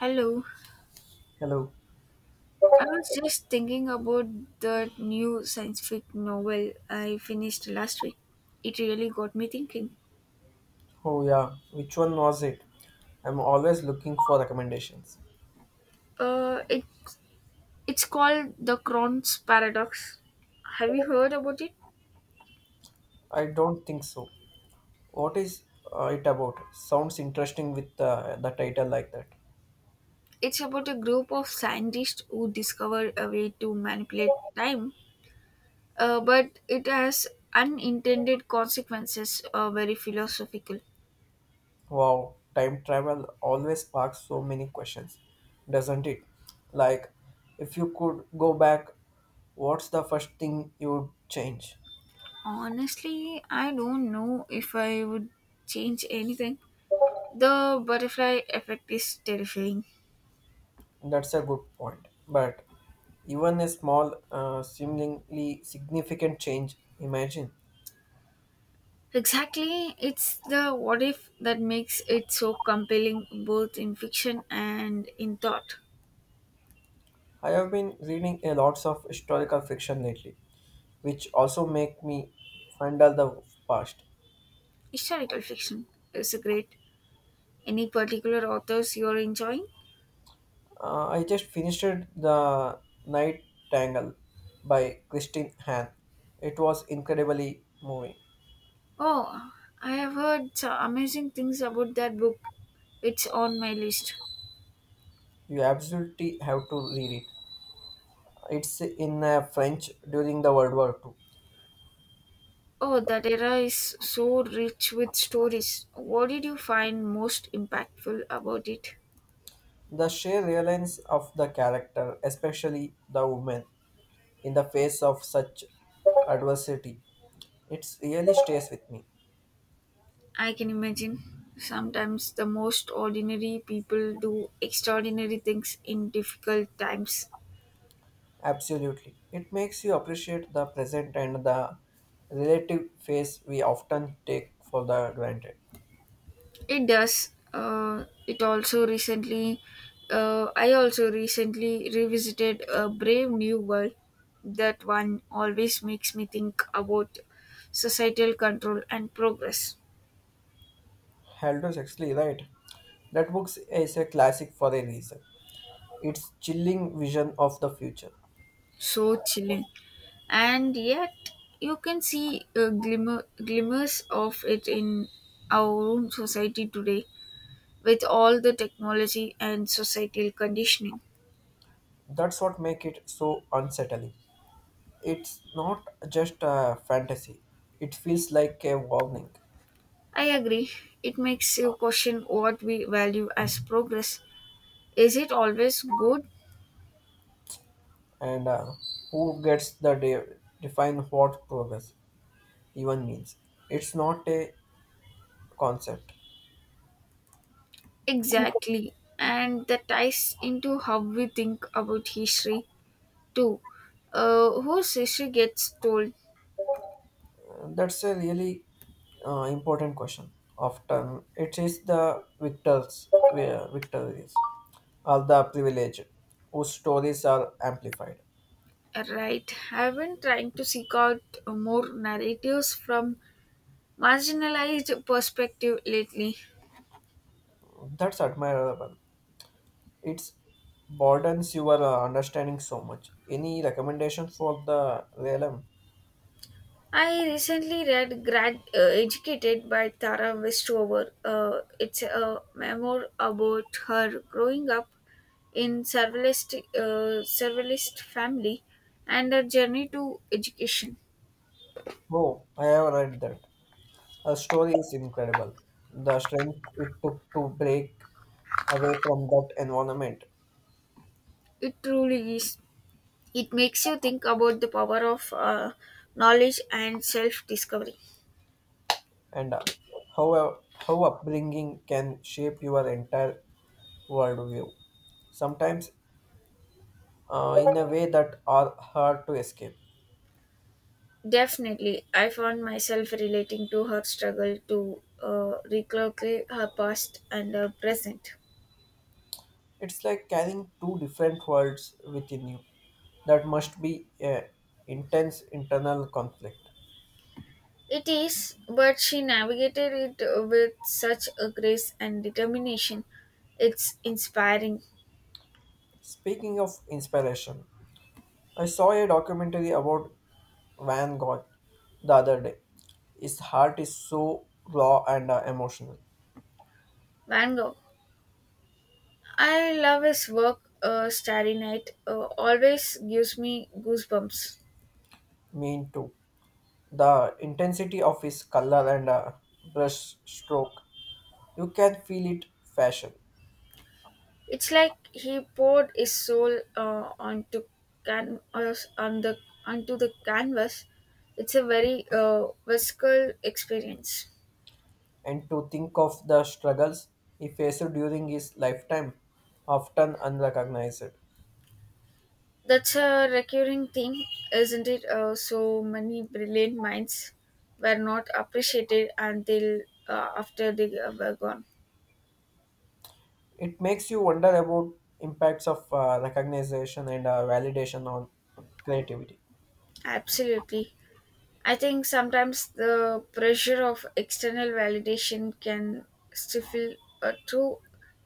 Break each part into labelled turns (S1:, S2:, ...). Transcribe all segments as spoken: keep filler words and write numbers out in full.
S1: Hello.
S2: Hello.
S1: I was just thinking about the new scientific novel I finished last week. It really got me thinking.
S2: Oh yeah, which one was it? I'm always looking for recommendations.
S1: Uh, it it's called The Cron's Paradox. Have you heard about it?
S2: I don't think so. What is uh, it about? Sounds interesting with uh, the title like that.
S1: It's about a group of scientists who discover a way to manipulate time, uh, but it has unintended consequences. Are very philosophical.
S2: Wow, time travel always sparks so many questions, doesn't it? Like, if you could go back, what's the first thing you would change?
S1: Honestly, I don't know if I would change anything. The butterfly effect is terrifying.
S2: That's a good point. But even a small, uh, seemingly significant change, imagine.
S1: Exactly, it's the what if that makes it so compelling both in fiction and in thought.
S2: I have been reading a lots of historical fiction lately, which also make me handle the past.
S1: Historical fiction is great. Any particular authors you're enjoying?
S2: Uh, I just finished The Night Tangle by Christine Hahn. It was incredibly moving.
S1: Oh, I have heard so amazing things about that book. It's on my list.
S2: You absolutely have to read it. It's in uh, French during the World War two.
S1: Oh, that era is so rich with stories. What did you find most impactful about it?
S2: The sheer reliance of the character, especially the woman, in the face of such adversity, it really stays with me.
S1: I can imagine. Sometimes the most ordinary people do extraordinary things in difficult times.
S2: Absolutely. It makes you appreciate the present and the relative phase we often take for the granted.
S1: It does. Uh, it also recently, uh, I also recently revisited a Brave New World. That one always makes me think about societal control and progress.
S2: Aldous Huxley, right? That book is a classic for a reason. It's chilling vision of the future.
S1: So chilling. And yet, you can see uh, glimmer, glimmers of it in our own society today with all the technology and societal conditioning.
S2: That's what makes it so unsettling. It's not just a fantasy. It feels like a warning.
S1: I agree. It makes you question what we value as progress. Is it always good?
S2: And uh, who gets the de- define what progress even means? It's not a concept.
S1: Exactly. And that ties into how we think about history too. Uh, whose history gets told,
S2: That's a really uh, important question. Often it is the victors, uh, victorious, or the privileged, whose stories are amplified.
S1: right? I've been trying to seek out more narratives from marginalized perspective lately.
S2: That's admirable. It broadens your uh, understanding so much. Any recommendations for the realm?
S1: I recently read Grad uh, Educated by Tara Westover. Uh, it's a memoir about her growing up in surveillance uh, surveillance family and her journey to education.
S2: Oh, I have read that. Her story is incredible. The strength it took to break away from that environment
S1: It truly is. It makes you think about the power of uh, knowledge and self discovery.
S2: and uh, how how upbringing can shape your entire worldview, sometimes uh, in a way that are hard to escape.
S1: Definitely, I found myself relating to her struggle to uh, recalculate her past and her present.
S2: It's like carrying two different worlds within you. That must be a intense internal conflict.
S1: It is, but she navigated it with such a grace and determination. It's inspiring.
S2: Speaking of inspiration, I saw a documentary about Van Gogh the other day. His heart is so raw and uh, emotional.
S1: Van Gogh. I love his work, uh, Starry Night, uh, always gives me goosebumps.
S2: Mean too. The intensity of his color and uh, brush stroke, you can feel it fashion.
S1: It's like he poured his soul uh, onto can- uh, on the onto the canvas. It's a very uh, visceral experience.
S2: And to think of the struggles he faced during his lifetime, often unrecognized.
S1: That's a recurring theme, isn't it? Uh, so many brilliant minds were not appreciated until uh, after they were gone.
S2: It makes you wonder about impacts of uh, recognition and uh, validation on creativity.
S1: Absolutely. I think sometimes the pressure of external validation can stifle a true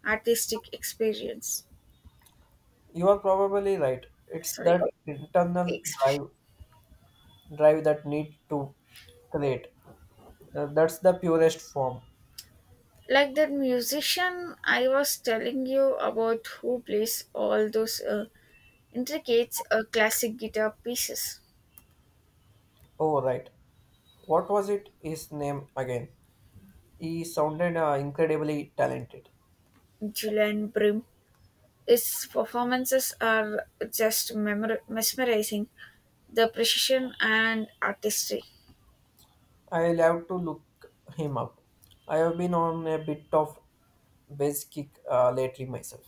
S1: artistic experience.
S2: You are probably right. It's
S1: Sorry,
S2: that internal
S1: expression.
S2: drive, drive that need to create. Uh, that's the purest form.
S1: Like that musician I was telling you about who plays all those uh, intricate uh, classic guitar pieces.
S2: Oh, right. What was it? His name again. He sounded uh, incredibly talented.
S1: Julian Brim. His performances are just memor- mesmerizing. The precision and artistry.
S2: I'll have to look him up. I have been on a bit of base kick uh, lately myself.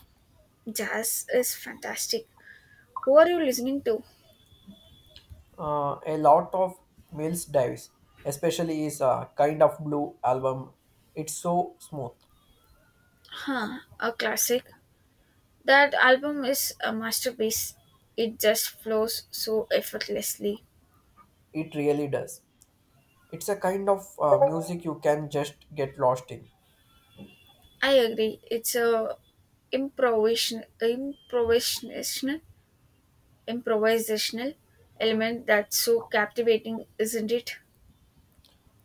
S1: Jazz is fantastic. Who are you listening to?
S2: Uh, a lot of Mills Davis, especially his uh, Kind of Blue album, it's so smooth.
S1: Huh, a classic. That album is a masterpiece. It just flows so effortlessly.
S2: It really does. It's a kind of uh, music you can just get lost in.
S1: I agree. It's a improvisation, improvisational, improvisational element that's so captivating, isn't it?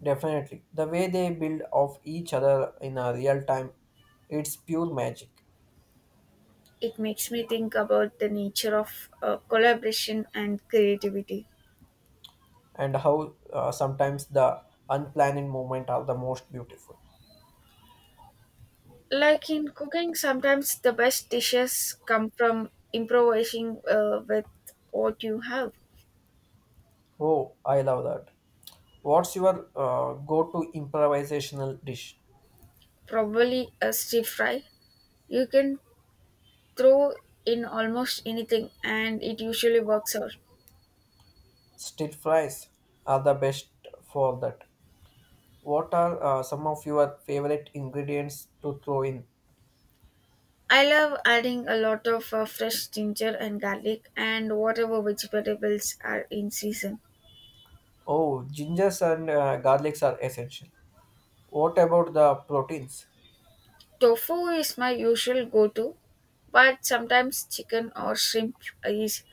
S2: Definitely. The way they build off each other in a real time, it's pure magic.
S1: It makes me think about the nature of uh, collaboration and creativity.
S2: And how uh, sometimes the unplanned moment are the most beautiful.
S1: Like in cooking, sometimes the best dishes come from improvising uh, with what you have.
S2: Oh, I love that. What's your uh, go-to improvisational dish?
S1: Probably a stir fry. You can throw in almost anything, and it usually works out.
S2: Stir fries are the best for that. What are uh, some of your favorite ingredients to throw in?
S1: I love adding a lot of uh, fresh ginger and garlic and whatever vegetables are in season.
S2: Oh, gingers and uh, garlics are essential. What about the proteins?
S1: Tofu is my usual go to, but sometimes chicken or shrimp is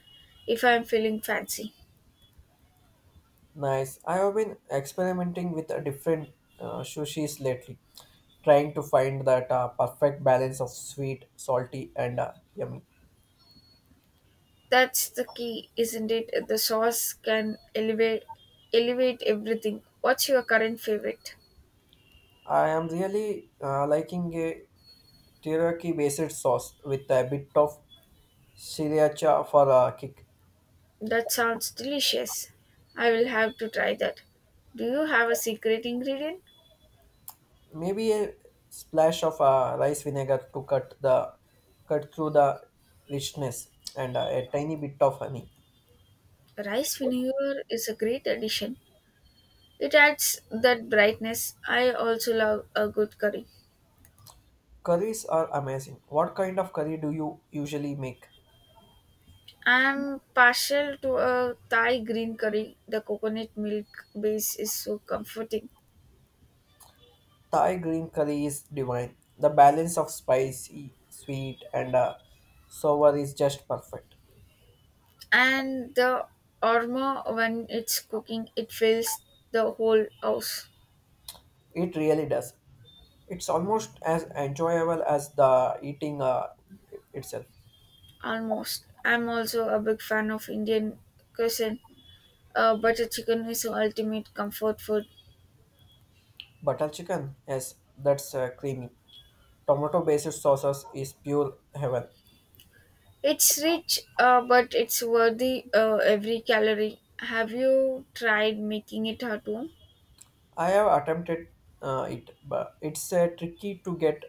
S1: if I'm feeling fancy.
S2: Nice. I have been experimenting with a different uh, sushis lately, trying to find that uh, perfect balance of sweet, salty, and uh, yummy.
S1: That's the key, isn't it? The sauce can elevate elevate everything. What's your current favorite?
S2: I am really uh, liking a teriyaki based sauce with a bit of sriracha for a kick.
S1: That sounds delicious. I will have to try that. Do you have a secret ingredient?
S2: Maybe a splash of uh, rice vinegar to cut the cut through the richness and uh, a tiny bit of honey.
S1: Rice vinegar is a great addition. It adds that brightness. I also love a good curry.
S2: Curries are amazing. What kind of curry do you usually make?
S1: I'm partial to a Thai green curry. The coconut milk base is so comforting.
S2: Thai green curry is divine. The balance of spicy, sweet, and uh, sour is just perfect.
S1: And the aroma when it's cooking, it fills the whole house
S2: It really does. It's almost as enjoyable as the eating uh, itself.
S1: almost. I'm also a big fan of Indian cuisine. Uh, butter chicken is the ultimate comfort food.
S2: Butter chicken? Yes, that's uh, creamy. Tomato based sauces is pure heaven.
S1: It's rich, uh, but it's worthy uh, every calorie. Have you tried making it at home?
S2: I have attempted uh, it, but it's uh, tricky to get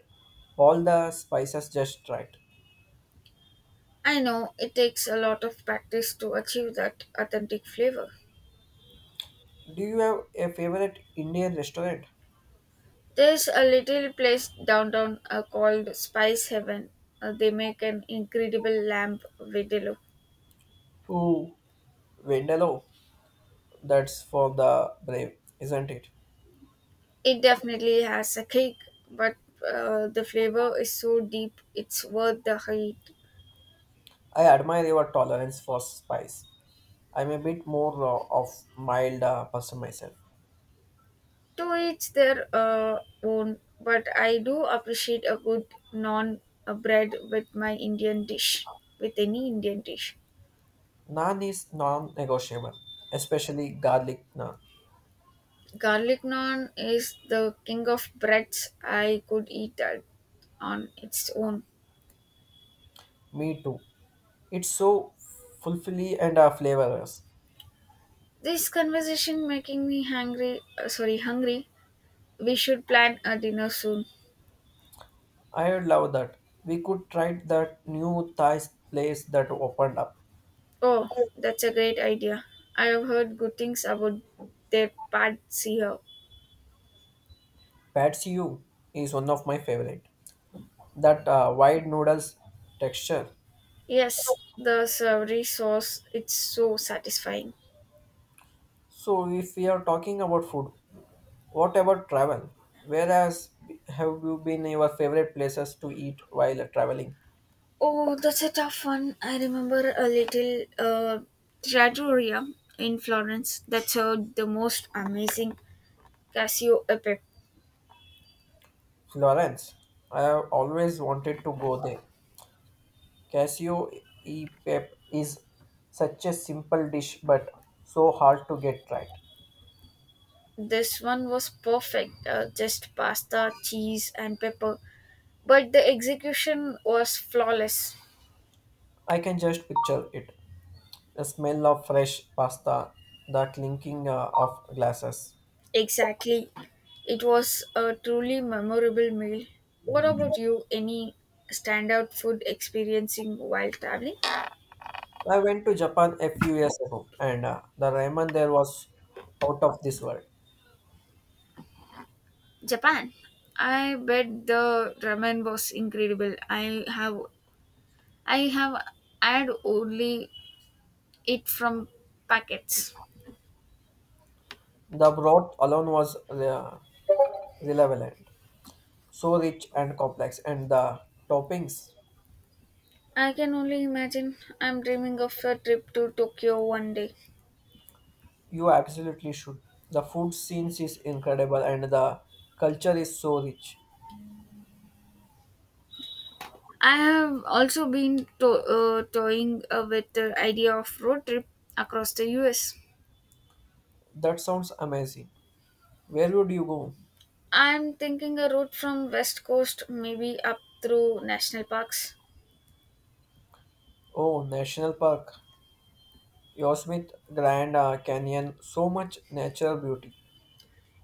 S2: all the spices just right.
S1: I know it takes a lot of practice to achieve that authentic flavor.
S2: Do you have a favorite Indian restaurant?
S1: There's a little place downtown uh, called Spice Heaven. Uh, they make an incredible lamb vindaloo.
S2: Ooh, Vindaloo. That's for the brave, isn't it?
S1: It definitely has a kick, but uh, the flavor is so deep it's worth the heat.
S2: I admire your tolerance for spice. I'm a bit more uh, of mild uh, person myself.
S1: To each their uh, own, but I do appreciate a good non uh, bread with my Indian dish, with any Indian dish.
S2: Naan is non-negotiable, especially garlic naan.
S1: Garlic naan is the king of breads. I could eat that on its own.
S2: Me too. It's so fulfilling and uh, flavorous.
S1: This conversation making me hungry. Uh, sorry, hungry. We should plan a dinner soon.
S2: I would love that. We could try that new Thai place that opened up.
S1: Oh, that's a great idea. I have heard good things about their pad see how.
S2: Pad See Ew is one of my favorite. That uh, wide noodles texture.
S1: Yes, the savory sauce. It's so satisfying.
S2: So if we are talking about food, what about travel? Whereas have you been your favorite places to eat while traveling?
S1: Oh, that's a tough one. I remember a little uh, trattoria in Florence that served the most amazing Casio e pepe.
S2: Florence. I have always wanted to go there. Casio e pep is such a simple dish but so hard to get right.
S1: This one was perfect, uh, just pasta, cheese, and pepper. But the execution was flawless.
S2: I can just picture it. The smell of fresh pasta, the clinking uh, of glasses.
S1: Exactly. It was a truly memorable meal. What about you? Any standout food experiencing while traveling?
S2: I went to Japan a few years ago and uh, the ramen there was out of this world.
S1: Japan. I bet the ramen was incredible. I have I have had only it from packets.
S2: The broth alone was uh, relevant, so rich and complex, and the toppings
S1: I can only imagine. I'm dreaming of a trip to Tokyo one day.
S2: you absolutely should. The food scenes is incredible and the culture is so rich.
S1: I have also been to- uh, toying uh, with the idea of road trip across the U S.
S2: That sounds amazing. Where would you go?
S1: I'm thinking a route from West Coast, maybe up through national parks.
S2: Oh, National Park, Yosemite, Grand uh, Canyon, so much natural beauty.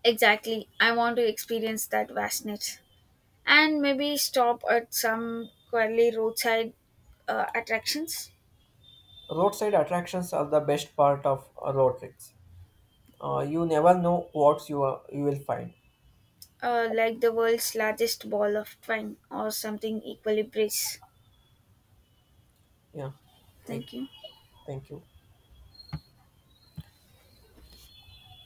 S1: Exactly, I want to experience that vastness, and maybe stop at some quirky roadside uh, attractions,
S2: Roadside attractions are the best part of uh, road trips. Uh, you never know what you, are, you will find.
S1: uh, like the world's largest ball of twine or something equally brisk.
S2: Yeah, like,
S1: Thank you.
S2: thank you.